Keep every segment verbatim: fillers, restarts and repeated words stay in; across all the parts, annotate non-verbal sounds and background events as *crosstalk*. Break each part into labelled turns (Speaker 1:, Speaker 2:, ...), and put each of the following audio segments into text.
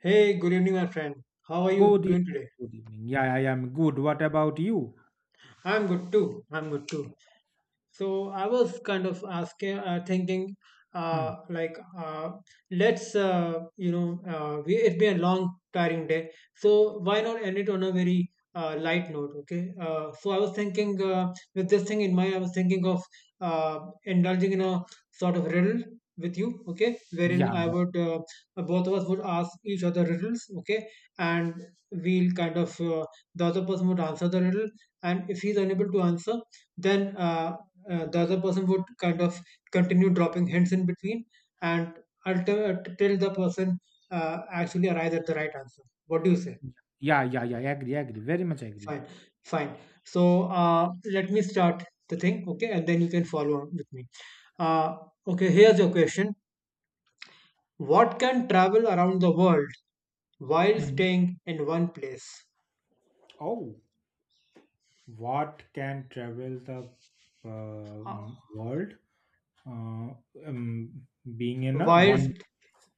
Speaker 1: Hey, good evening, my friend. How are
Speaker 2: Good
Speaker 1: you
Speaker 2: evening.
Speaker 1: doing today?
Speaker 2: Good evening. Yeah, yeah I am good. What about you?
Speaker 1: I'm good too. I'm good too. So I was kind of asking, uh, thinking,
Speaker 2: Hmm.
Speaker 1: uh, like, uh, let's, uh, you know, uh, we, it's been a long, tiring day. So why not end it on a very uh, light note? Okay. Uh, so I was thinking, uh, with this thing in mind, I was thinking of uh, indulging in a sort of riddle with you. Okay, wherein
Speaker 2: Yeah,
Speaker 1: I
Speaker 2: yeah,
Speaker 1: would, uh, both of us would ask each other riddles. Okay, and we'll kind of, uh, the other person would answer the riddle, and if he's unable to answer then uh, uh, the other person would kind of continue dropping hints in between and until till the person uh, actually arrives at the right answer. What do you say?
Speaker 2: yeah, yeah, yeah. Agree, agree. Very much agree.
Speaker 1: Fine. Fine. So uh, let me start the thing. Okay, and then you can follow on with me. uh, okay, here's your question. What can travel around the world while
Speaker 2: Hmm.
Speaker 1: staying in one place?
Speaker 2: Oh, what can travel the uh,
Speaker 1: uh,
Speaker 2: m- world? Uh, um, being in a
Speaker 1: while
Speaker 2: one
Speaker 1: st-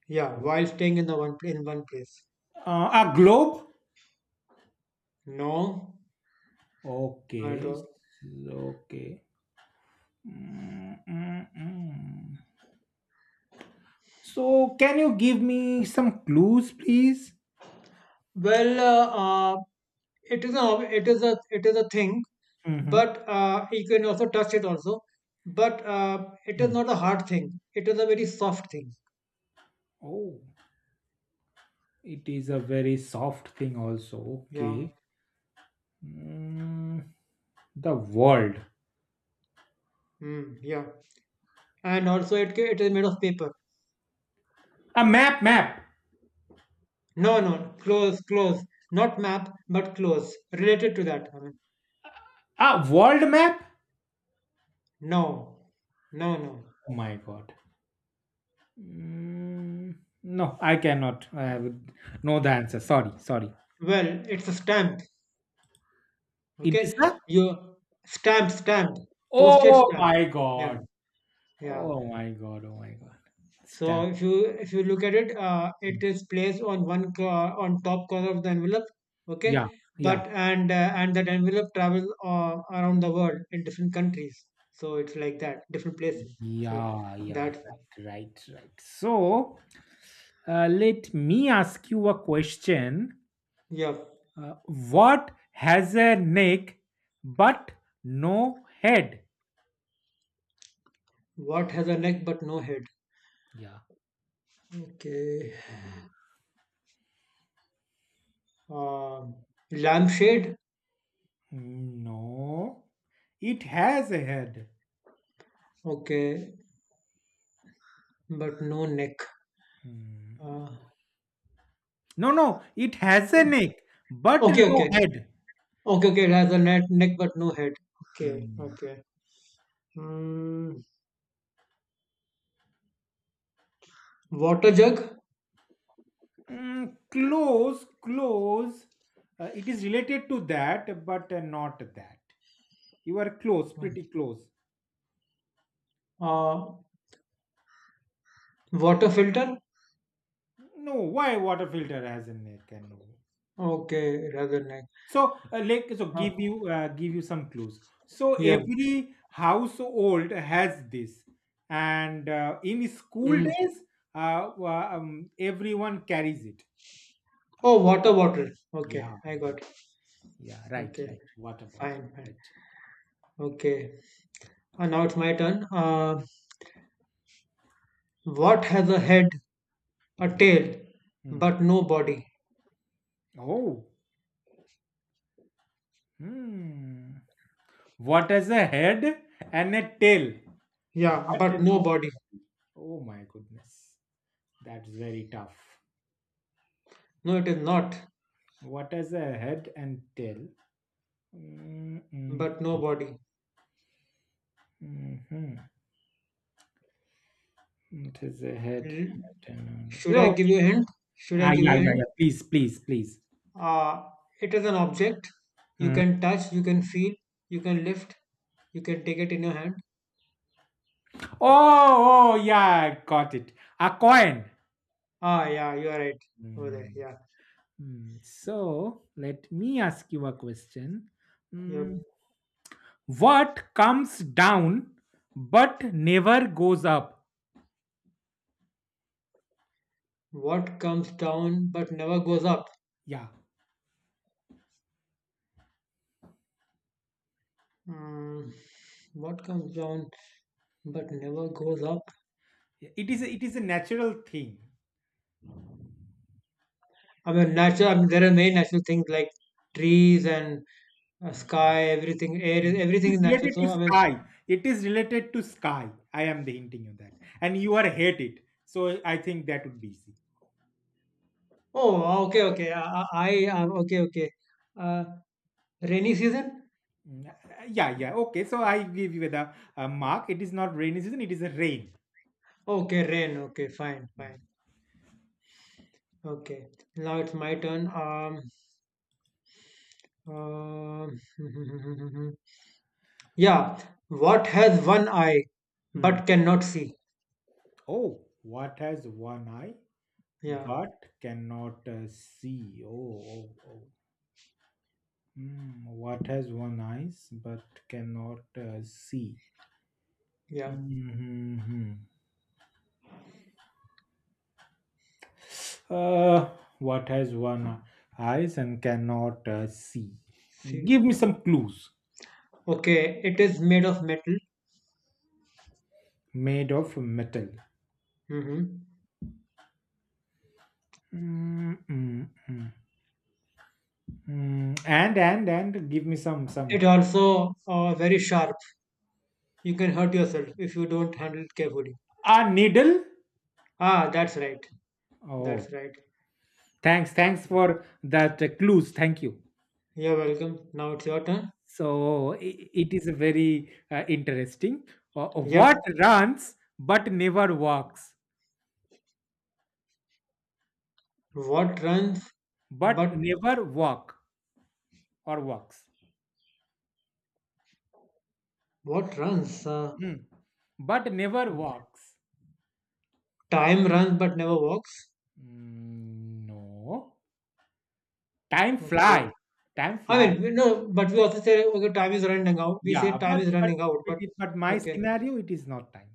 Speaker 1: yeah,
Speaker 2: oh,
Speaker 1: while staying in the one pl- in one place.
Speaker 2: uh, a globe.
Speaker 1: No, not at
Speaker 2: Okay, s-
Speaker 1: all.
Speaker 2: okay. Mm, mm, mm. So, can you give me some clues, please?
Speaker 1: Well, uh, uh, it is a it is a it is a thing,
Speaker 2: Mm-hmm.
Speaker 1: but uh, you can also touch it also. But uh, it is not a hard thing. It is a very soft thing.
Speaker 2: Oh. It is a very soft thing, also.
Speaker 1: Yeah.
Speaker 2: Okay. Mm, the world.
Speaker 1: Mm, yeah. And also, it ca- it is made of paper.
Speaker 2: A map, map.
Speaker 1: No, no. Close, close. Not map, but close. Related to that. I mean,
Speaker 2: A world map?
Speaker 1: no, no, no.
Speaker 2: Oh my god. Mm, no, I cannot. I have no the answer. Sorry, sorry.
Speaker 1: Well, it's a stamp.
Speaker 2: It is
Speaker 1: Okay.
Speaker 2: a.
Speaker 1: You stamp, stamp, postage
Speaker 2: Oh
Speaker 1: stamp.
Speaker 2: my
Speaker 1: Yeah,
Speaker 2: god.
Speaker 1: yeah.
Speaker 2: Oh my god. Oh my god.
Speaker 1: So
Speaker 2: Stamps.
Speaker 1: if you if you look at it, uh,
Speaker 2: Mm.
Speaker 1: it is placed on one cor- on top corner of the envelope.
Speaker 2: Yeah,
Speaker 1: Okay, but
Speaker 2: yeah,
Speaker 1: and uh, and that envelope travels uh, around the world in different countries. So it's like that, different places. So
Speaker 2: yeah, yeah.
Speaker 1: that's
Speaker 2: Right, right, right. So uh, let me ask you a question.
Speaker 1: yeah.
Speaker 2: Uh, what has a neck but no head?
Speaker 1: What has a neck but no head?
Speaker 2: Yeah.
Speaker 1: Okay. Uh, lampshade.
Speaker 2: No, it has a head.
Speaker 1: Okay, but no neck.
Speaker 2: Hmm.
Speaker 1: Uh,
Speaker 2: No, no, it has a neck but
Speaker 1: okay,
Speaker 2: no
Speaker 1: okay,
Speaker 2: head.
Speaker 1: okay, okay. It has a net neck but no head. Okay,
Speaker 2: Hmm.
Speaker 1: okay. Mm, water jug.
Speaker 2: Mm, close, close. Uh, it is related to that, but uh, not that. You are close, pretty close.
Speaker 1: Uh, water filter?
Speaker 2: No, why water filter has a neck and no.
Speaker 1: Okay, rather nice.
Speaker 2: So, uh, like, so
Speaker 1: Uh,
Speaker 2: give you uh, give you some clues. So
Speaker 1: yeah.
Speaker 2: every household has this, and uh, in school
Speaker 1: Mm.
Speaker 2: days, uh, wa- um, everyone carries it.
Speaker 1: Oh, water bottle. Okay,
Speaker 2: Yeah,
Speaker 1: I got it.
Speaker 2: yeah. Yeah, right,
Speaker 1: Okay,
Speaker 2: right. What about it?
Speaker 1: fine, fine.
Speaker 2: Right.
Speaker 1: Okay. And now it's my turn. Uh, what has a head, a tail,
Speaker 2: Hmm.
Speaker 1: but no body?
Speaker 2: Oh, hmm. What has a head and a tail,
Speaker 1: Yeah,
Speaker 2: but
Speaker 1: but no
Speaker 2: no
Speaker 1: body.
Speaker 2: body? Oh my goodness, that's very tough.
Speaker 1: No, it is not,
Speaker 2: What has a head and tail? Mm-mm.
Speaker 1: but no body.
Speaker 2: Mhm. It is a head.
Speaker 1: L- Should I
Speaker 2: Oh,
Speaker 1: give you a hint? Should I
Speaker 2: ah,
Speaker 1: give
Speaker 2: yeah,
Speaker 1: you a
Speaker 2: yeah,
Speaker 1: hint?
Speaker 2: yeah. Please, please, please.
Speaker 1: Uh, it is an object. You
Speaker 2: Hmm.
Speaker 1: can touch, you can feel, you can lift, you can take it in your hand.
Speaker 2: Oh, oh, yeah, I got it. A coin.
Speaker 1: Ah, yeah, you are right over there.
Speaker 2: Hmm.
Speaker 1: Yeah,
Speaker 2: Hmm. So let me ask you a question. Hmm.
Speaker 1: yep.
Speaker 2: What comes down but never goes up?
Speaker 1: What comes down but never goes up?
Speaker 2: Yeah,
Speaker 1: Mm, what comes down but never goes up?
Speaker 2: it is. A, it is a natural thing.
Speaker 1: I mean, natural. I mean, there are many natural things like trees and uh,
Speaker 2: Mm-hmm.
Speaker 1: sky, everything, air, is-
Speaker 2: It
Speaker 1: everything
Speaker 2: is
Speaker 1: is natural.
Speaker 2: related to
Speaker 1: So I mean,
Speaker 2: sky. It is related to sky. I am the hinting you that, and you are hate it. So I think that would be easy.
Speaker 1: oh, ah, okay, okay. I, I, I uh, okay, okay. Uh, rainy season.
Speaker 2: Mm, uh, Yeah, yeah. Okay, so I give you the uh, mark. It is not rainy season. It is a rain.
Speaker 1: Okay, rain. Okay, fine,
Speaker 2: Mm.
Speaker 1: fine. Okay, now it's my turn. Um, um *laughs* Yeah, what has one eye
Speaker 2: Hmm.
Speaker 1: but cannot see?
Speaker 2: Oh, what has one eye
Speaker 1: Yeah,
Speaker 2: but cannot uh, see? Oh, oh, oh. Hmm, what has one eyes but cannot uh, see?
Speaker 1: yeah,
Speaker 2: Mhm. Uh, what has one eyes and cannot uh, see?
Speaker 1: see.
Speaker 2: Give me some clues.
Speaker 1: Okay, it is made of metal.
Speaker 2: Made of metal.
Speaker 1: Hmm
Speaker 2: Mm, mm, mm, mm. And and and give me some
Speaker 1: It
Speaker 2: some
Speaker 1: also uh, very sharp. You can hurt yourself if you don't handle it carefully.
Speaker 2: a needle.
Speaker 1: Ah, that's right.
Speaker 2: Oh,
Speaker 1: That's right.
Speaker 2: thanks, thanks for that uh, clues. Thank you.
Speaker 1: You're welcome. Now it's your turn.
Speaker 2: So i- it is a very uh, interesting. Uh, what
Speaker 1: Yep.
Speaker 2: runs but never walks,
Speaker 1: What runs,
Speaker 2: but
Speaker 1: but
Speaker 2: never walk or walks.
Speaker 1: what runs? Uh,
Speaker 2: Hmm. But never walks.
Speaker 1: time runs but never walks.
Speaker 2: Mm, no, time fly,
Speaker 1: Okay.
Speaker 2: time
Speaker 1: I
Speaker 2: fly.
Speaker 1: mean, we know, but we also say, okay, time is running out. We
Speaker 2: Yeah,
Speaker 1: say time
Speaker 2: but
Speaker 1: is
Speaker 2: but
Speaker 1: running out,
Speaker 2: but,
Speaker 1: but
Speaker 2: it, but my
Speaker 1: okay.
Speaker 2: scenario it is not time.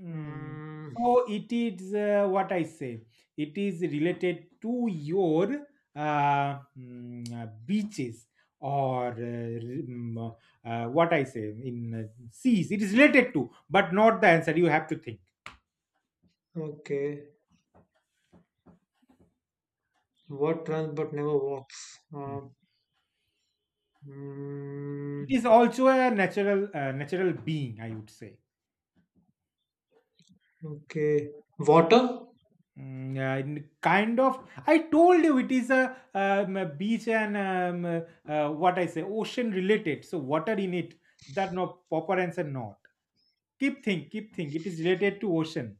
Speaker 2: Mm.
Speaker 1: Mm,
Speaker 2: So it is uh, what I say. It is related to your uh, mm, uh, beaches or uh, mm, uh, what I say in uh, seas. It is related to, but not the answer. You have to think.
Speaker 1: okay. What runs but never walks?
Speaker 2: Mm.
Speaker 1: Uh,
Speaker 2: It
Speaker 1: mm,
Speaker 2: is also a natural uh, natural being, I would say.
Speaker 1: okay. Water?
Speaker 2: Mm, yeah, n- kind of. I told you it is a, um, a beach and um, uh, what I say, ocean related. So water in it. That no proper answer not. Keep think, keep think. It is related to ocean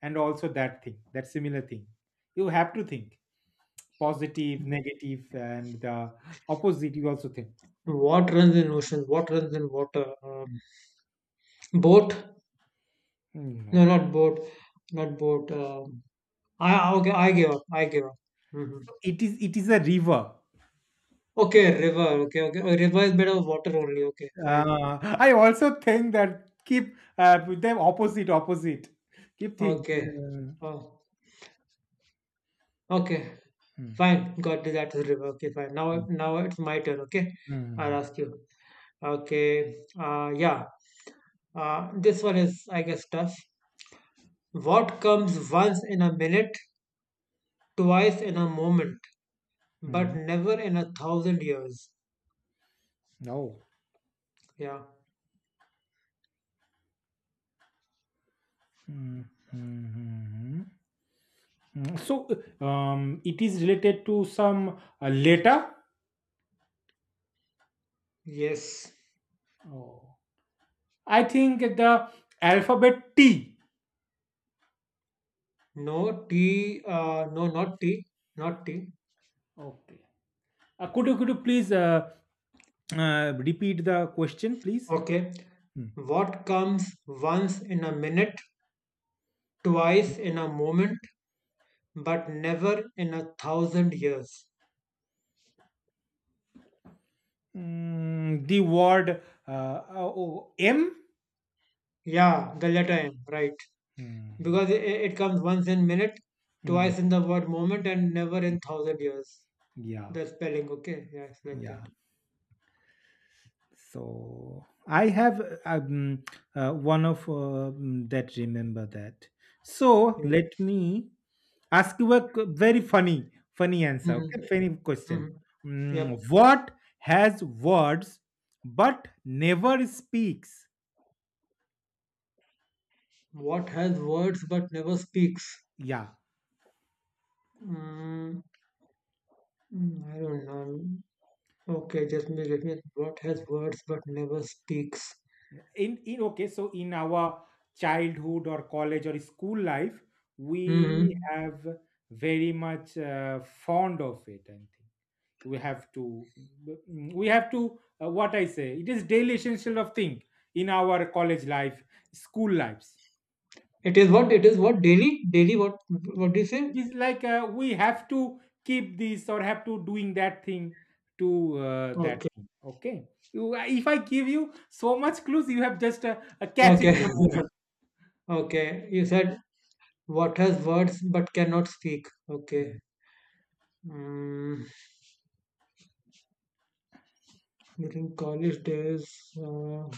Speaker 2: and also that thing, that similar thing. You have to think positive, negative, and the opposite. You also think.
Speaker 1: What runs in ocean? What runs in water? Um, boat?
Speaker 2: Mm,
Speaker 1: No,
Speaker 2: no,
Speaker 1: not boat. Not boat. Um, I okay. I give up. I give up. Hmm
Speaker 2: so it is. It is a river.
Speaker 1: Okay, river. Okay, okay. Oh, river is made of water only. Okay, fine.
Speaker 2: Uh, I also think that keep uh, with them opposite, opposite. Keep think.
Speaker 1: Okay.
Speaker 2: Uh,
Speaker 1: Oh, okay.
Speaker 2: hmm.
Speaker 1: Fine, got the that is river. Okay, fine. Now,
Speaker 2: hmm.
Speaker 1: now it's my turn. Okay, I'll
Speaker 2: Mhm.
Speaker 1: ask you. Okay, uh, yeah. Uh, this one is, I guess, tough. What comes once in a minute, twice in a moment, but
Speaker 2: Mhm.
Speaker 1: never in a thousand years?
Speaker 2: Oh.
Speaker 1: Yeah.
Speaker 2: Mhm. Mhm. Mhm. So, um, it is related to some uh, letter.
Speaker 1: Yes.
Speaker 2: Oh. I think the alphabet T.
Speaker 1: No tea. Uh, no, not tea. Not tea.
Speaker 2: Okay. Uh, could you could you please uh, uh, repeat the question, please?
Speaker 1: Okay.
Speaker 2: Hmm.
Speaker 1: What comes once in a minute, twice in a moment, but never in a thousand years?
Speaker 2: Mm, the word uh, uh, oh, M.
Speaker 1: Yeah, the letter M, right.
Speaker 2: Hmm.
Speaker 1: Because it, it comes once in minute,
Speaker 2: Hmm.
Speaker 1: twice in the word moment, and never in thousand years.
Speaker 2: Yeah.
Speaker 1: The spelling, okay? Yeah, it's like
Speaker 2: Yeah.
Speaker 1: that.
Speaker 2: So I have um, uh, one of uh, um, that remember that. So
Speaker 1: Yep.
Speaker 2: let me ask you a q- very funny, funny answer.
Speaker 1: Mm-hmm.
Speaker 2: Okay, funny question.
Speaker 1: hmm Yep.
Speaker 2: Mm, what has words but never speaks?
Speaker 1: What has words but never speaks?
Speaker 2: Yeah.
Speaker 1: Mm, mm, I don't know. Okay, just me, let me. What has words but never speaks?
Speaker 2: In in okay. So in our childhood or college or school life, we
Speaker 1: Hmm
Speaker 2: have very much uh, fond of it. I think we have to we have to uh, what I say it is daily essential of thing in our college life school lives
Speaker 1: It is what? It is what? Daily? Daily? What? What do you say?
Speaker 2: it is like uh, we have to keep this or have to doing that thing to uh, that
Speaker 1: Okay.
Speaker 2: thing okay you, if I give you so much clues you have just uh, uh, catch it in
Speaker 1: Okay.
Speaker 2: a moment.
Speaker 1: *laughs* Okay. You said what has words but cannot speak?
Speaker 2: Mm.
Speaker 1: Okay. Mm, during college days, uh,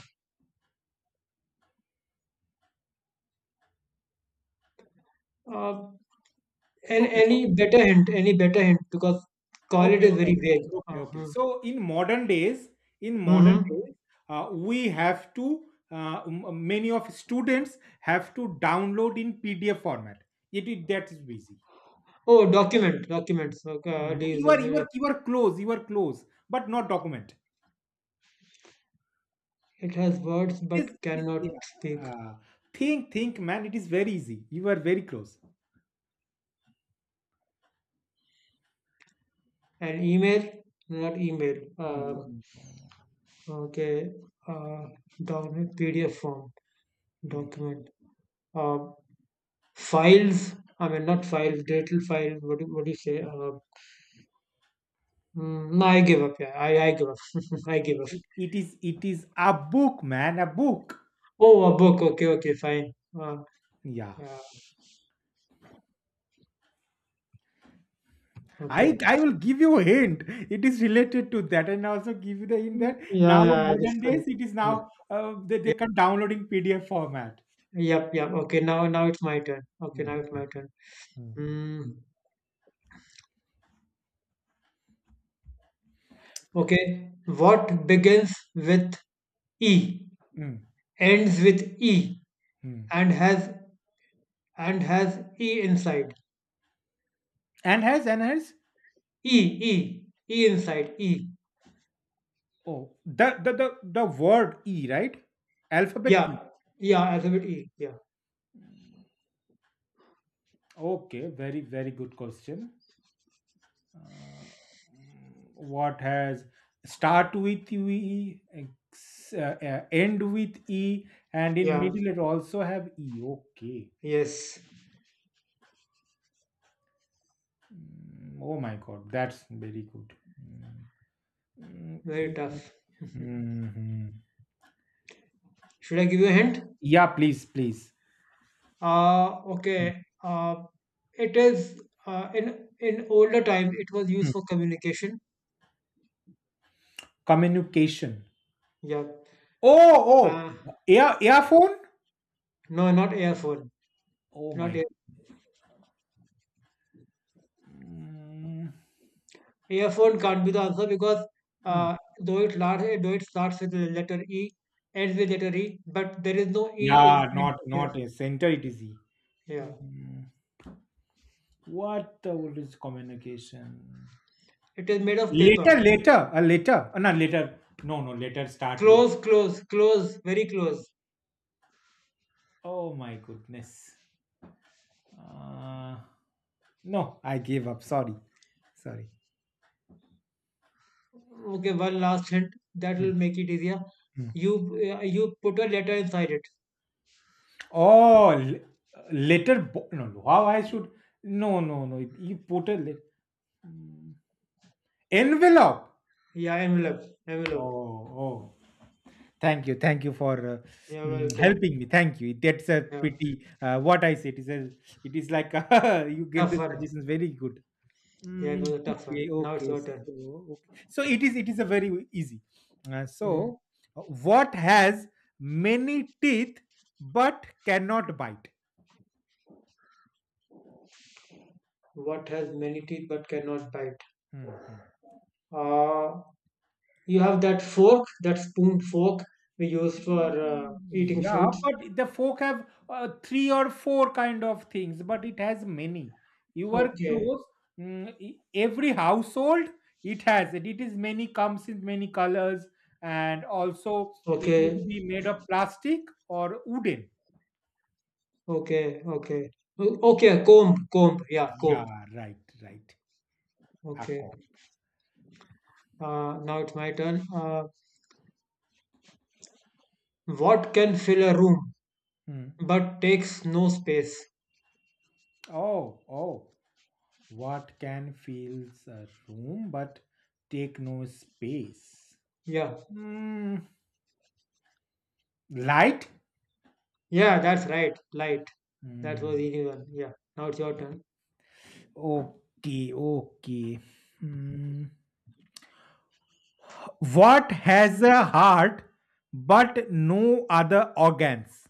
Speaker 1: uh, any,
Speaker 2: Okay
Speaker 1: any
Speaker 2: so
Speaker 1: better hint? Any better hint? Because college
Speaker 2: okay,
Speaker 1: is
Speaker 2: okay,
Speaker 1: very vague.
Speaker 2: okay, okay, okay.
Speaker 1: Uh-huh.
Speaker 2: So in modern days, in modern
Speaker 1: hmm
Speaker 2: days, uh, we have to uh, m- many of students have to download in P D F format. It is that is busy.
Speaker 1: Oh, document, documents. Okay, uh, it
Speaker 2: No,
Speaker 1: is-
Speaker 2: you are
Speaker 1: it
Speaker 2: you are
Speaker 1: is-
Speaker 2: you are close. You are close, but not document.
Speaker 1: it has words
Speaker 2: It is,
Speaker 1: but
Speaker 2: it is
Speaker 1: cannot
Speaker 2: yeah.
Speaker 1: speak.
Speaker 2: Uh, think think man. It is very easy. You are very close.
Speaker 1: An email, not email.
Speaker 2: Mm,
Speaker 1: Um,
Speaker 2: mm,
Speaker 1: okay, uh, document P D F form,
Speaker 2: mm.
Speaker 1: document. Uh, Files, I mean, not files, digital files. What do, what do you say? Uh, mm, no, I give up. Yeah, I, I give up. *laughs* I give up.
Speaker 2: It, it is it is a book, man. A book.
Speaker 1: Oh, a book. Okay, okay, fine. Uh,
Speaker 2: Yeah.
Speaker 1: yeah,
Speaker 2: I
Speaker 1: okay.
Speaker 2: I will give you a hint. It is related to that, and also give you the hint that now
Speaker 1: Yeah, yeah, I just
Speaker 2: modern
Speaker 1: couldn't.
Speaker 2: days it is
Speaker 1: No.
Speaker 2: now uh, they they can downloading P D F format.
Speaker 1: Yep, yep. Okay, now now it's my turn. Okay,
Speaker 2: Mm,
Speaker 1: now it's my turn.
Speaker 2: mm,
Speaker 1: Mm, okay. What begins with E,
Speaker 2: mm,
Speaker 1: ends with E,
Speaker 2: mm.
Speaker 1: and has and has E inside.
Speaker 2: And has and has
Speaker 1: E, E, E inside. E.
Speaker 2: oh the the the the word E, right? Alphabet E.
Speaker 1: Yeah, yeah, alphabet E. Yeah.
Speaker 2: Mm, okay, very very good question. Uh, mm, what has start with E, ex- uh, uh, end with E, and in
Speaker 1: Yeah,
Speaker 2: middle it also have E. Okay.
Speaker 1: yes,
Speaker 2: Mm, oh my God, that's very good. Mm, mm,
Speaker 1: very
Speaker 2: e- e-
Speaker 1: tough.
Speaker 2: mhm.
Speaker 1: Should I give you a hint?
Speaker 2: Yeah, please, please.
Speaker 1: Uh, okay. Uh, it is uh, in in older time it was used
Speaker 2: Mm.
Speaker 1: for communication.
Speaker 2: Communication.
Speaker 1: Yeah.
Speaker 2: Oh,
Speaker 1: Uh,
Speaker 2: oh, ear earphone.
Speaker 1: no, not airphone.
Speaker 2: Oh
Speaker 1: Not
Speaker 2: my.
Speaker 1: air.
Speaker 2: Mm,
Speaker 1: Airphone can't be the answer because
Speaker 2: hmm.
Speaker 1: uh, though it large, though it starts with the letter E, ends with letter E, but there is no E
Speaker 2: Yeah,
Speaker 1: inside
Speaker 2: not
Speaker 1: air.
Speaker 2: not a center. It is E.
Speaker 1: Yeah.
Speaker 2: Mm, what the world is communication?
Speaker 1: It is made of paper.
Speaker 2: Later, later, a later. Uh, no, later. No, no, later. Start with.
Speaker 1: Close, close, close, very close.
Speaker 2: Oh my goodness. Uh, no, I gave up. Sorry, sorry.
Speaker 1: Okay, one last hint that
Speaker 2: Mm,
Speaker 1: will make it easier.
Speaker 2: mm.
Speaker 1: You uh, you put a letter inside it.
Speaker 2: Oh, l- letter bo- no, no, how I should no, no, no. it- You put a lit- Mm. Envelope.
Speaker 1: Yeah, envelope,
Speaker 2: Oh,
Speaker 1: envelope.
Speaker 2: oh. Thank you, thank you for uh,
Speaker 1: You're
Speaker 2: mm,
Speaker 1: welcome.
Speaker 2: helping me. Thank you. That's a
Speaker 1: Yeah,
Speaker 2: pity. Uh, what I said is, a, it is like *laughs* you gave
Speaker 1: tough
Speaker 2: the
Speaker 1: one.
Speaker 2: suggestions very good.
Speaker 1: Yeah, it
Speaker 2: Mm,
Speaker 1: was a tough one.
Speaker 2: okay,
Speaker 1: Now it's
Speaker 2: okay.
Speaker 1: your turn.
Speaker 2: So, okay. So it is. It is a very easy. Uh,
Speaker 1: Mhm.
Speaker 2: so, uh, what has many teeth but cannot bite?
Speaker 1: What has many teeth but cannot bite?
Speaker 2: Hmm. hmm.
Speaker 1: Uh, you have that fork, that spoon fork we use for uh, eating
Speaker 2: Yeah,
Speaker 1: fruits.
Speaker 2: but the folk have uh, three or four kind of things, but it has many. You are
Speaker 1: Okay,
Speaker 2: close. mm, e- every household it has it. It is many comes in many colors, and also it would
Speaker 1: okay,
Speaker 2: be made of plastic or wooden.
Speaker 1: okay, okay. O- Okay, comb, comb. Yeah, comb.
Speaker 2: Yeah, right, right. Akko.
Speaker 1: Okay. Uh, now it's my turn. Uh, What can fill a room
Speaker 2: Hmm.
Speaker 1: but takes no space?
Speaker 2: Oh, oh. What can fills a room but take no space?
Speaker 1: Yeah.
Speaker 2: Hmm. Light.
Speaker 1: Yeah, that's right. Light. That was
Speaker 2: Hmm.
Speaker 1: easy one. Yeah. Now it's your turn.
Speaker 2: Okay, okay. Hmm. What has a heart but no other organs?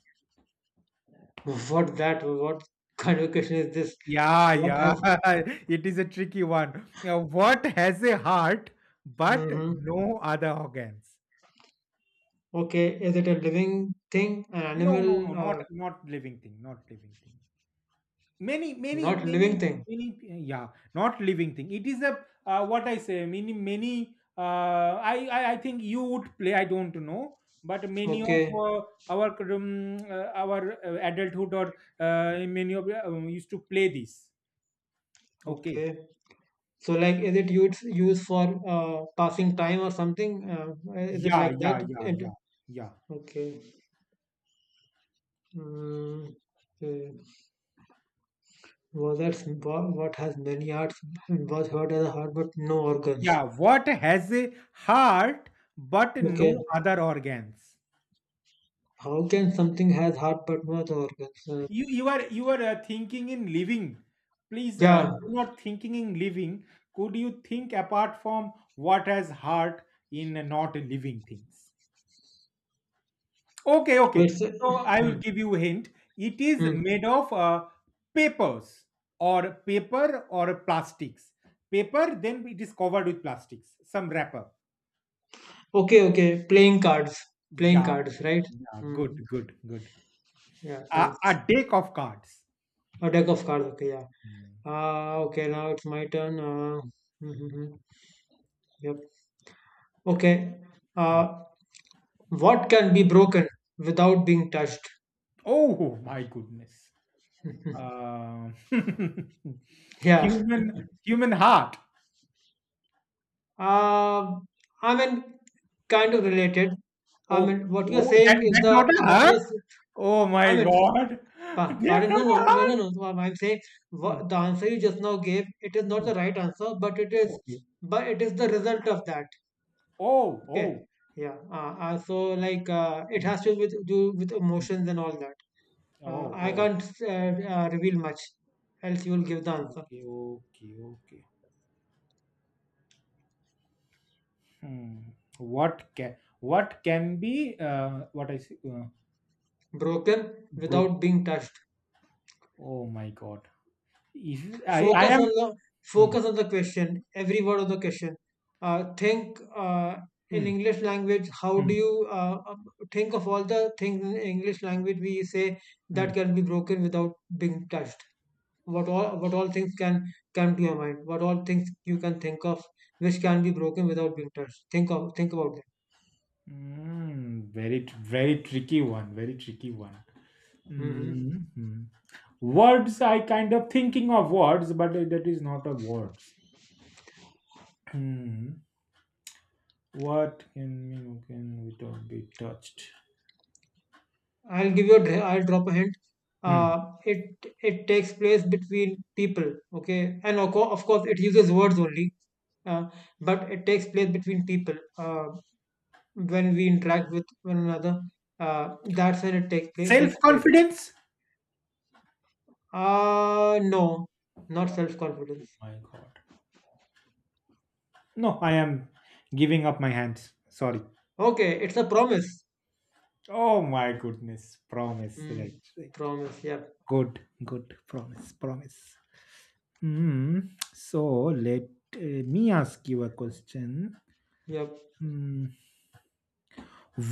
Speaker 1: What that? What kind of question is this?
Speaker 2: Yeah,
Speaker 1: What
Speaker 2: yeah.
Speaker 1: has?
Speaker 2: *laughs* It is a tricky one. Now, what has a heart but
Speaker 1: Hmm
Speaker 2: no other organs?
Speaker 1: Okay. Is it a living thing, an
Speaker 2: No, no, no,
Speaker 1: animal,
Speaker 2: not
Speaker 1: or
Speaker 2: not living thing, not living thing. Many many
Speaker 1: not
Speaker 2: many
Speaker 1: living thing?
Speaker 2: many yeah not living thing it is a uh, what I say many many uh, I, I I think you would play I don't know but many of
Speaker 1: Okay.
Speaker 2: uh, our um, uh, our uh, adulthood or uh, many of uh, um, used to play this okay.
Speaker 1: Okay. So, like, is it used used for uh, passing time or something? Uh, is it
Speaker 2: Yeah,
Speaker 1: like
Speaker 2: yeah,
Speaker 1: that?
Speaker 2: yeah,
Speaker 1: It-
Speaker 2: yeah, yeah,
Speaker 1: okay. Mm, okay. Was Wa- What has many hearts and was heard as a heart but no organs.
Speaker 2: yeah, what has a heart but
Speaker 1: Okay,
Speaker 2: no other organs?
Speaker 1: how can something has heart but not organs? Uh,
Speaker 2: You you are you are uh, thinking in living. Please uh,
Speaker 1: yeah,
Speaker 2: do not thinking in living. Could you think apart from what has heart in uh, not living things? Okay,
Speaker 1: so
Speaker 2: okay.
Speaker 1: it's a-
Speaker 2: So I will
Speaker 1: hmm,
Speaker 2: give you a hint. It is
Speaker 1: hmm.
Speaker 2: made of uh, papers or paper or plastics, paper then it is covered with plastics some wrapper.
Speaker 1: okay, okay. Playing cards, playing
Speaker 2: Yeah,
Speaker 1: cards, right?
Speaker 2: yeah, good
Speaker 1: Hmm.
Speaker 2: good good,
Speaker 1: Yeah,
Speaker 2: a, a
Speaker 1: thanks.
Speaker 2: deck of cards.
Speaker 1: A deck of cards. Okay, yeah.
Speaker 2: Hmm,
Speaker 1: Uh, okay, now it's my turn. Uh, hmm, hmm, hmm. Yep. Okay.
Speaker 2: hmm.
Speaker 1: Uh, what can be broken without being touched?
Speaker 2: Oh my goodness. Uh, *laughs*
Speaker 1: Yeah.
Speaker 2: human human heart.
Speaker 1: Uh, I mean, kind of related. I
Speaker 2: Oh,
Speaker 1: mean, what you're
Speaker 2: oh,
Speaker 1: saying
Speaker 2: that,
Speaker 1: is
Speaker 2: that
Speaker 1: the
Speaker 2: not a
Speaker 1: what
Speaker 2: heart?
Speaker 1: you're. s-
Speaker 2: Oh
Speaker 1: I
Speaker 2: my
Speaker 1: mean,
Speaker 2: God. *laughs*
Speaker 1: pa-
Speaker 2: That's
Speaker 1: pardon.
Speaker 2: not
Speaker 1: No,
Speaker 2: a
Speaker 1: no, no, no,
Speaker 2: heart.
Speaker 1: no. So I'm saying
Speaker 2: Hmm,
Speaker 1: what, the answer you just now gave. It is not
Speaker 2: hmm.
Speaker 1: the right answer, but it is,
Speaker 2: Okay.
Speaker 1: but it is the result of that.
Speaker 2: Oh,
Speaker 1: Okay.
Speaker 2: oh.
Speaker 1: Yeah. Uh, uh, so like, uh, it
Speaker 2: Hmm,
Speaker 1: has to with do with
Speaker 2: hmm.
Speaker 1: emotions and all that. Uh,
Speaker 2: Oh,
Speaker 1: I
Speaker 2: oh.
Speaker 1: can't uh, uh, reveal much, else you will give the answer.
Speaker 2: Okay, okay, okay. Hmm. What can what can be uh, what I say uh,
Speaker 1: Broken
Speaker 2: broke?
Speaker 1: without being touched.
Speaker 2: Oh my God. If I I
Speaker 1: focus on
Speaker 2: am
Speaker 1: the
Speaker 2: Hmm,
Speaker 1: focus on the question, every word of the question. uh, think, uh, in
Speaker 2: hmm,
Speaker 1: English language, how
Speaker 2: hmm,
Speaker 1: do you uh, um, think of all the things in English language we say
Speaker 2: hmm.
Speaker 1: that can be broken without being touched? What all, what all things can come to your mind, what all things you can think of which can be broken without being touched? think of think about them.
Speaker 2: Mm, very tr- very tricky one. Very tricky one.
Speaker 1: Hmm
Speaker 2: Mhm. Words, I kind of thinking of words, but that is not a words. Hmm. What can you know, can we talk be touched?
Speaker 1: I'll give you a, dr- I'll drop a hint.
Speaker 2: Hmm.
Speaker 1: Uh, it it takes place between people, okay, and of course, of course it uses words only, uh, but it takes place between people. Uh, when we interact with one another, uh, that's when it takes place. Takes
Speaker 2: Self
Speaker 1: place.
Speaker 2: confidence.
Speaker 1: Uh no, not self confidence.
Speaker 2: My God. No, I am giving up my hands. Sorry.
Speaker 1: Okay, it's a promise.
Speaker 2: Oh my goodness. Promise. Right.
Speaker 1: Mm,
Speaker 2: Right.
Speaker 1: promise. Yep.
Speaker 2: Good. Good. Promise. Promise. Hmm. So let uh, me ask you a question.
Speaker 1: Yep.
Speaker 2: Hmm.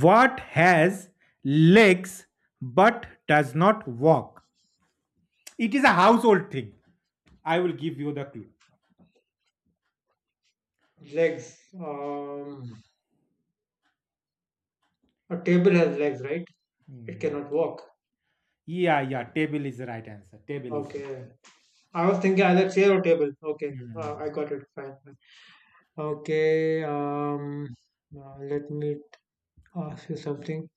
Speaker 2: What has legs but does not walk? It is a household thing. I will give you the clue.
Speaker 1: Legs. Um, a table has legs, right? It
Speaker 2: Hmm.
Speaker 1: cannot walk.
Speaker 2: Yeah, yeah, table is the right answer. Table is
Speaker 1: Okay. I was thinking either chair or table. Okay,
Speaker 2: right.
Speaker 1: uh, I
Speaker 2: Hmm.
Speaker 1: got it. Fine. Fine. Okay, um, uh, let me ask you something.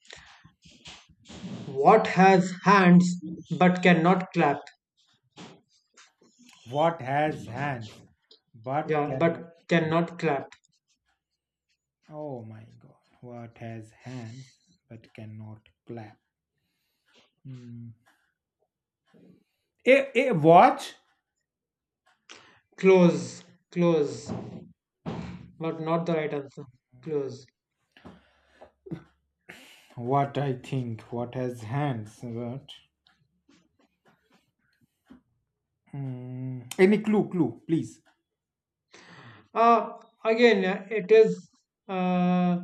Speaker 1: What has hands but cannot clap?
Speaker 2: What has hands but
Speaker 1: Yeah,
Speaker 2: cannot
Speaker 1: but
Speaker 2: clap?
Speaker 1: cannot clap.
Speaker 2: Oh my god. What has hands but cannot clap? Hmm. A, a watch?
Speaker 1: Close, close, but not the right answer. Close.
Speaker 2: What I think? What has hands but? Hmm. Any clue, clue, please.
Speaker 1: Uh, again, uh, it is uh,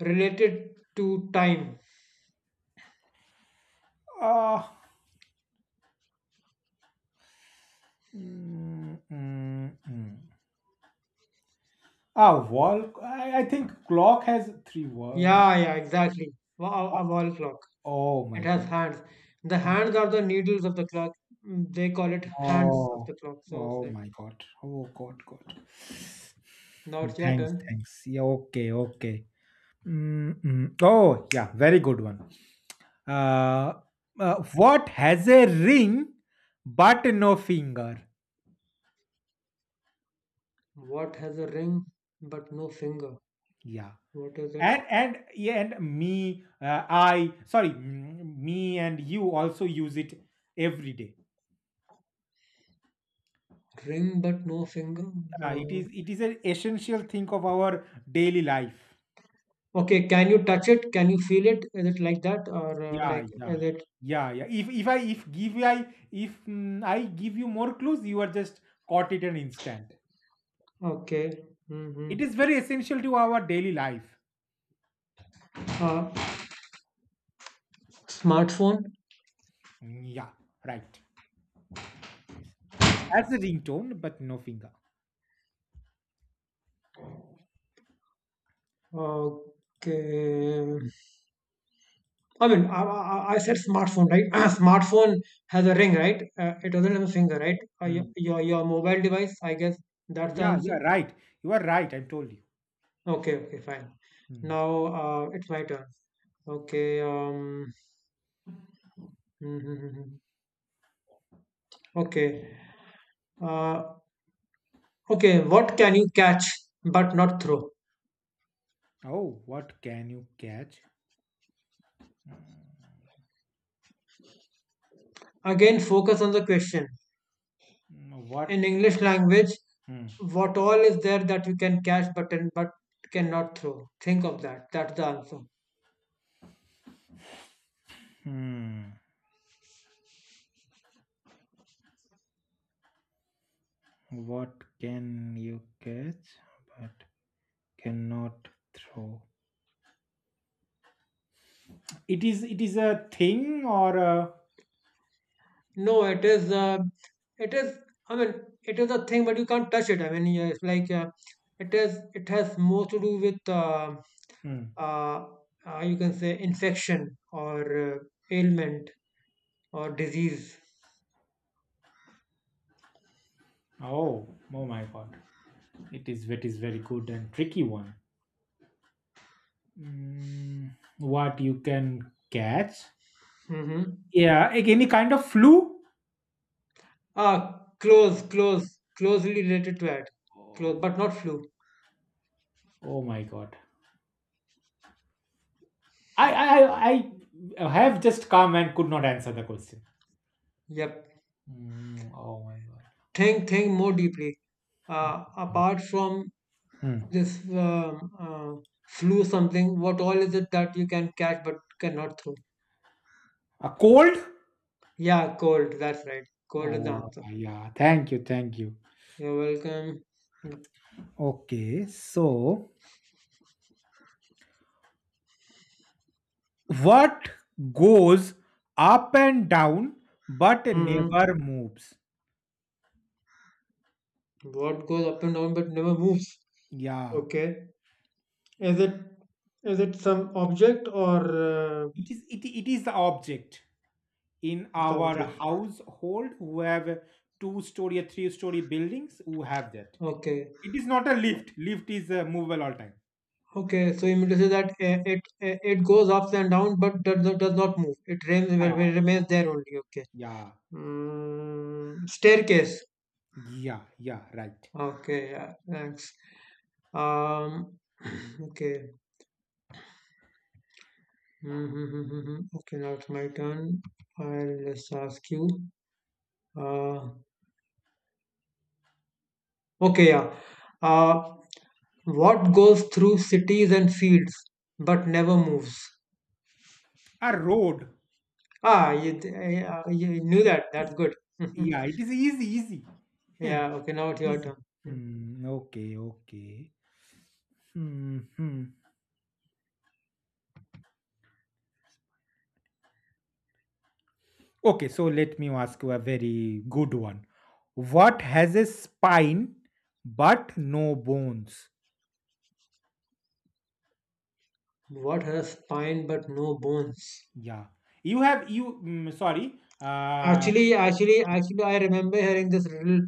Speaker 1: related to time.
Speaker 2: Uh, Mm, mm, mm. Ah, wall. I, I think clock has three wall.
Speaker 1: Yeah, yeah, exactly. Wa-
Speaker 2: Ah,
Speaker 1: A, a wall clock.
Speaker 2: oh my
Speaker 1: It has
Speaker 2: god.
Speaker 1: hands. The
Speaker 2: Oh,
Speaker 1: hands are the needles of the clock. Mm, they call it hands of
Speaker 2: oh,
Speaker 1: the clock. So it's
Speaker 2: oh
Speaker 1: like,
Speaker 2: my god. Oh god, god.
Speaker 1: now it's your
Speaker 2: Thanks,
Speaker 1: turn.
Speaker 2: thanks. Yeah, okay, okay. Mm, mm. Oh, yeah, very good one. Uh, uh, what has a ring but no finger?
Speaker 1: What has a ring but no finger?
Speaker 2: Yeah.
Speaker 1: What is it?
Speaker 2: And and yeah, and me, uh, I sorry, mm, me and you also use it every day.
Speaker 1: Ring but no finger?
Speaker 2: Yeah, it
Speaker 1: No.
Speaker 2: is it is an essential thing of our daily life.
Speaker 1: Okay, can you touch it? Can you feel it? Is it like that? Or uh,
Speaker 2: Yeah,
Speaker 1: like,
Speaker 2: yeah,
Speaker 1: is it
Speaker 2: yeah, yeah. If if I if give I if mm, I give you more clues, you are just caught it an instant.
Speaker 1: okay? Mm-hmm.
Speaker 2: It is very essential to our daily life.
Speaker 1: Uh, Smartphone?
Speaker 2: Mm, Yeah, right. It has a ringtone, but no finger.
Speaker 1: Okay. I mean, I, I, I said smartphone, right? *clears throat* Smartphone has a ring, right? Uh, it doesn't have a finger, right? Uh, your,
Speaker 2: Mm.
Speaker 1: your your mobile device, I guess that's the
Speaker 2: Yeah,
Speaker 1: answer.
Speaker 2: yeah, right. You are right. I told you.
Speaker 1: Okay, okay, fine.
Speaker 2: Mm.
Speaker 1: Now uh, it's my turn. Okay. Um. *laughs* Okay. Uh, okay. What can you catch but not throw?
Speaker 2: Oh, what can you catch? Mm,
Speaker 1: Again, focus on the question. In
Speaker 2: What?
Speaker 1: English language,
Speaker 2: Hmm.
Speaker 1: what all is there that you can catch but but cannot throw? Think of that. That's the answer.
Speaker 2: Hmm. What can you catch? Cannot throw. It is it is a thing or a
Speaker 1: No, it is. Uh, it is. I mean, it is a thing, but you can't touch it. I mean, yeah, it's like uh, it is. It has more to do with uh,
Speaker 2: hmm.
Speaker 1: uh, uh, you can say infection or uh, ailment or disease.
Speaker 2: Oh, oh my god. It is it is very good and tricky one. Mm, what you can catch?
Speaker 1: Mm-hmm.
Speaker 2: Yeah, like any kind of flu.
Speaker 1: Ah, close, close, closely related to that. Close,
Speaker 2: Oh,
Speaker 1: but not flu.
Speaker 2: oh my god. I I I I have just come and could not answer the question.
Speaker 1: Yep.
Speaker 2: Mm, oh my god.
Speaker 1: Think, think more deeply. Uh, apart from
Speaker 2: Hmm.
Speaker 1: this um, uh, flu, something. What all is it that you can catch but cannot throw?
Speaker 2: A cold?
Speaker 1: Yeah, cold. That's right. Cold is the
Speaker 2: Uh,
Speaker 1: answer.
Speaker 2: yeah. Thank you. Thank you.
Speaker 1: You're welcome.
Speaker 2: Okay. So what goes up and down but
Speaker 1: Hmm.
Speaker 2: never moves?
Speaker 1: What goes up and down but never moves?
Speaker 2: Yeah.
Speaker 1: Okay. Is it is it some object or uh,
Speaker 2: It is it, it is the object in
Speaker 1: it's
Speaker 2: our
Speaker 1: object?
Speaker 2: household who have two story or three story buildings who have that.
Speaker 1: Okay.
Speaker 2: It is not a lift. Lift is uh, movable all time.
Speaker 1: Okay. So you mean to say that uh, it uh, it goes up and down but does not, does not move. It
Speaker 2: Yeah,
Speaker 1: remains remains there only. Okay.
Speaker 2: yeah,
Speaker 1: Mm, staircase.
Speaker 2: yeah, yeah, right.
Speaker 1: Okay. Yeah. Thanks. Um. *clears throat* Okay. Mm-hmm. mm-hmm, mm-hmm. Okay, now it's my turn. I'll just ask you. Uh, okay, yeah. Uh, what goes through cities and fields but never moves?
Speaker 2: A road.
Speaker 1: Ah, you, uh, you knew that. That's good. *laughs*
Speaker 2: Yeah, it is easy, easy.
Speaker 1: Yeah, okay, now it's
Speaker 2: *laughs*
Speaker 1: your
Speaker 2: Easy.
Speaker 1: turn. Yeah.
Speaker 2: Hmm, okay, okay. Hmm, hmm. Okay, so let me ask you a very good one. What has a spine but no bones?
Speaker 1: What has spine but no bones?
Speaker 2: Yeah, you have you. mm, sorry, uh,
Speaker 1: Actually, actually, actually, I remember hearing this riddle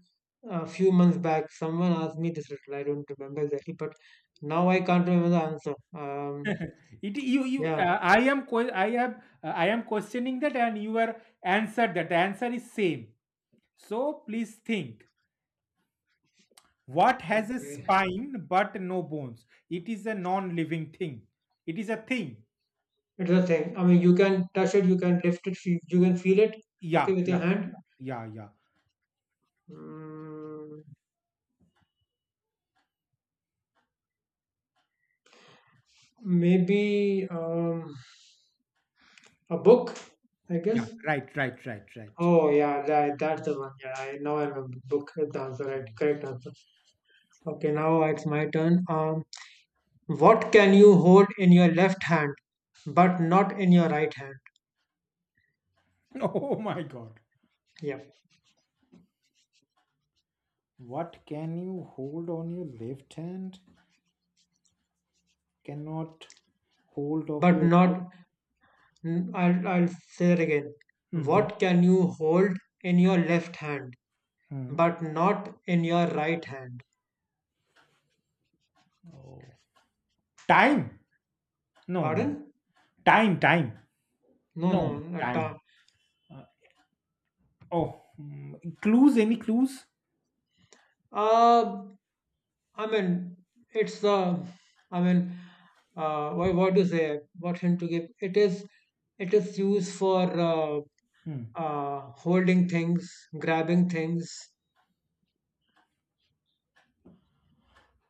Speaker 1: a few months back. Someone asked me this riddle. I don't remember exactly, but now I can't remember the answer. Um,
Speaker 2: *laughs* it you you.
Speaker 1: yeah.
Speaker 2: Uh, I am que- I am uh, I am questioning that, and you are answered that. The answer is same. So please think. What has a
Speaker 1: Okay.
Speaker 2: spine but no bones? It is a non-living thing. It is a thing.
Speaker 1: It's the thing. I mean, you can touch it, you can lift it, you you can feel it, okay,
Speaker 2: Yeah,
Speaker 1: with
Speaker 2: yeah,
Speaker 1: your hand.
Speaker 2: yeah, yeah, yeah.
Speaker 1: Mm, maybe um, a book, I
Speaker 2: Yeah.
Speaker 1: guess.
Speaker 2: Right, right, right, right.
Speaker 1: Oh, yeah, that, that's the one. Yeah, I now I remember. Book is the answer, right? Correct answer. Okay, now it's my turn. Um, what can you hold in your left hand, but not in your right hand?
Speaker 2: *laughs* Oh my god.
Speaker 1: Yeah,
Speaker 2: What can you hold on your left hand? Cannot hold of
Speaker 1: but
Speaker 2: your right.
Speaker 1: not. n- I'll I'll say that again.
Speaker 2: Hmm.
Speaker 1: What can you hold in your left hand,
Speaker 2: Hmm.
Speaker 1: but not in your right hand.
Speaker 2: Oh. Time? No, no.
Speaker 1: Pardon?
Speaker 2: Time, time.
Speaker 1: No, no,
Speaker 2: No, no,
Speaker 1: not
Speaker 2: time.
Speaker 1: ta-
Speaker 2: Uh, oh, mm, clues? Any clues?
Speaker 1: Uh, I mean, it's the, I mean, uh, what, what to say? What hint to give? It is, it is used for uh,
Speaker 2: Hmm.
Speaker 1: uh, holding things, grabbing things.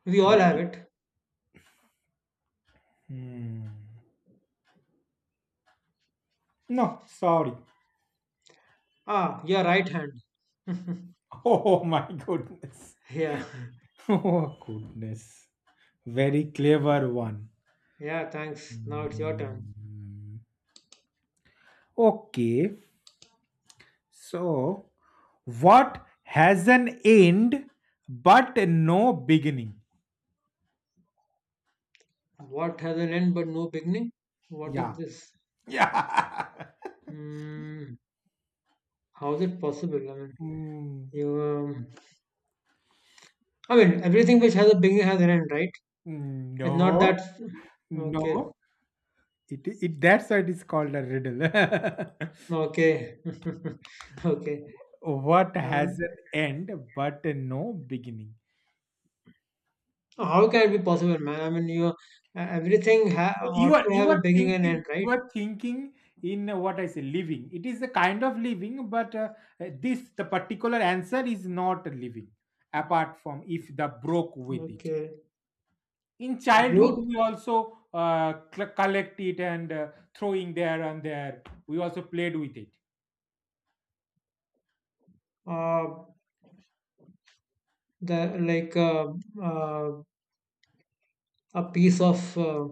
Speaker 1: We all have
Speaker 2: Holding.
Speaker 1: it.
Speaker 2: Hmm. No, sorry.
Speaker 1: Ah, your right hand. *laughs*
Speaker 2: *laughs* Oh my goodness.
Speaker 1: Yeah,
Speaker 2: *laughs* Oh goodness. Very clever one.
Speaker 1: yeah. Thanks. Now it's your turn.
Speaker 2: Hmm. Okay, so, what has an end but no beginning?
Speaker 1: What has an end but no beginning? What
Speaker 2: Yeah.
Speaker 1: is this?
Speaker 2: Yeah. *laughs*
Speaker 1: Hmm. How is it possible? I mean,
Speaker 2: Mm,
Speaker 1: you. Um, I mean, everything which has a beginning has an end, right? It's not
Speaker 2: no,
Speaker 1: that. Okay,
Speaker 2: no. It, it that's why it is called a riddle.
Speaker 1: okay, *laughs* okay.
Speaker 2: *laughs* What
Speaker 1: Uh,
Speaker 2: has an end but no beginning?
Speaker 1: how can it be possible, man? I mean, you uh, everything ha-
Speaker 2: So you
Speaker 1: ought
Speaker 2: are
Speaker 1: to
Speaker 2: you
Speaker 1: have
Speaker 2: are
Speaker 1: a beginning and end,
Speaker 2: thinking you
Speaker 1: right?
Speaker 2: are thinking in uh, what I say living. It is a kind of living, but uh, uh, this the particular answer is not living. Apart from if the broke with it.
Speaker 1: Okay.
Speaker 2: In childhood
Speaker 1: Look,
Speaker 2: we also uh, cl- collect it and uh, throwing there and there we also played with it
Speaker 1: uh, the like uh, uh, a piece of uh,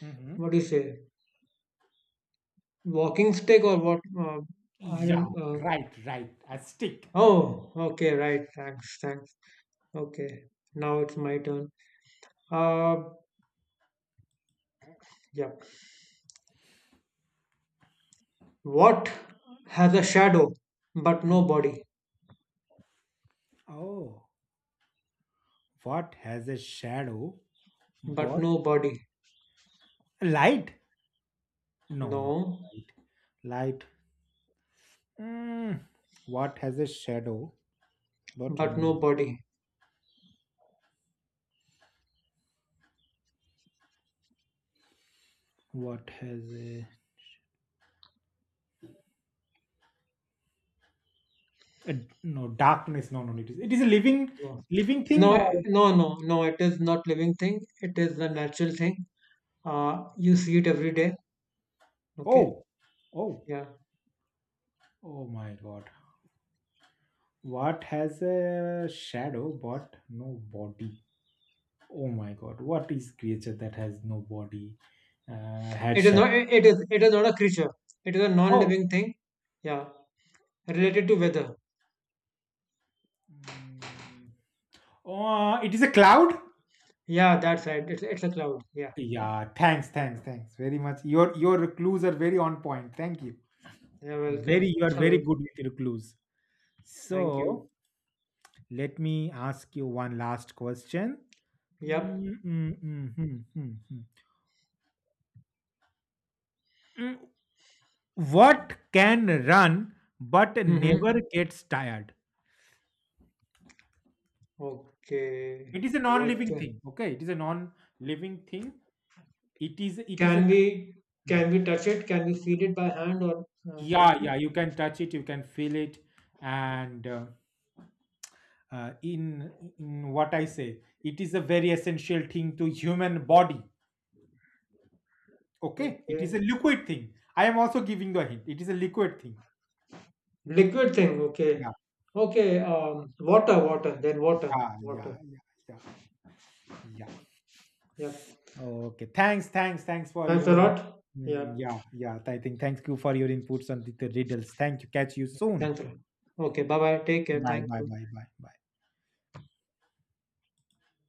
Speaker 2: hmm,
Speaker 1: what do you say, walking stick or what? Uh, I
Speaker 2: yeah,
Speaker 1: don't. Uh,
Speaker 2: right, right, a stick.
Speaker 1: oh, okay, right. Thanks, thanks. Okay, now it's my turn. Uh, yeah. What has a shadow but no
Speaker 2: Mm.
Speaker 1: body?
Speaker 2: Oh, what has a shadow?
Speaker 1: But
Speaker 2: What,
Speaker 1: no body.
Speaker 2: light? No, no,
Speaker 1: No,
Speaker 2: light. Light. Mm. What has a shadow? But
Speaker 1: but
Speaker 2: no.
Speaker 1: no body.
Speaker 2: What has a, a- no darkness? No, no. It is. It is a living,
Speaker 1: No.
Speaker 2: living
Speaker 1: No,
Speaker 2: thing.
Speaker 1: eh,
Speaker 2: Or
Speaker 1: no, no, no. It is not living thing. It is a natural thing. Uh, you see it every day. Okay.
Speaker 2: oh, oh,
Speaker 1: Yeah.
Speaker 2: oh my God. What has a shadow but no body? Oh my god, what is creature that has no body? Uh, had
Speaker 1: It is
Speaker 2: shadow.
Speaker 1: not. It it is. It is not a creature. It is a
Speaker 2: Oh,
Speaker 1: non-living thing. Yeah. Related to weather.
Speaker 2: mm, uh, it is a cloud.
Speaker 1: Yeah, that's right. It's it's a cloud. Yeah.
Speaker 2: Yeah, thanks, thanks, thanks very much. Your your clues are very on point. Thank you.
Speaker 1: You're welcome. *laughs*
Speaker 2: Very, you are
Speaker 1: You're
Speaker 2: very
Speaker 1: welcome.
Speaker 2: good with your clues.
Speaker 1: Thank you.
Speaker 2: So let me ask you one last question.
Speaker 1: Yep.
Speaker 2: Mm, mm, mm, mm, mm, mm. Mm, what can run but
Speaker 1: Mm-hmm.
Speaker 2: never gets tired?
Speaker 1: Okay.
Speaker 2: It is a
Speaker 1: What?
Speaker 2: non-living thing. Okay, it is a non-living thing. It is. It is
Speaker 1: Can
Speaker 2: a.
Speaker 1: we
Speaker 2: Hmm.
Speaker 1: can we touch it? Can we feel it by hand or uh,
Speaker 2: Yeah, yeah.
Speaker 1: something?
Speaker 2: You can touch it. You can feel it, and. Uh, uh, in in what I say it is a very essential thing to human body, okay, it is a
Speaker 1: Okay.
Speaker 2: liquid thing, I am also giving the hint it is a liquid thing.
Speaker 1: Liquid thing. Okay.
Speaker 2: Yeah,
Speaker 1: Okay. Um, water. Water. Then water.
Speaker 2: yeah, yeah,
Speaker 1: Water.
Speaker 2: yeah, yeah, yeah,
Speaker 1: Yeah.
Speaker 2: okay, thanks, thanks, thanks for
Speaker 1: Thanks a
Speaker 2: your.
Speaker 1: lot.
Speaker 2: Mm,
Speaker 1: Yeah.
Speaker 2: yeah, yeah, I think thank you for your inputs on the, the riddles. Thank you, catch you soon.
Speaker 1: Thanks a lot. Okay. Bye bye. Take care.
Speaker 2: Bye,
Speaker 1: Thank
Speaker 2: bye,
Speaker 1: you.
Speaker 2: bye, bye, bye.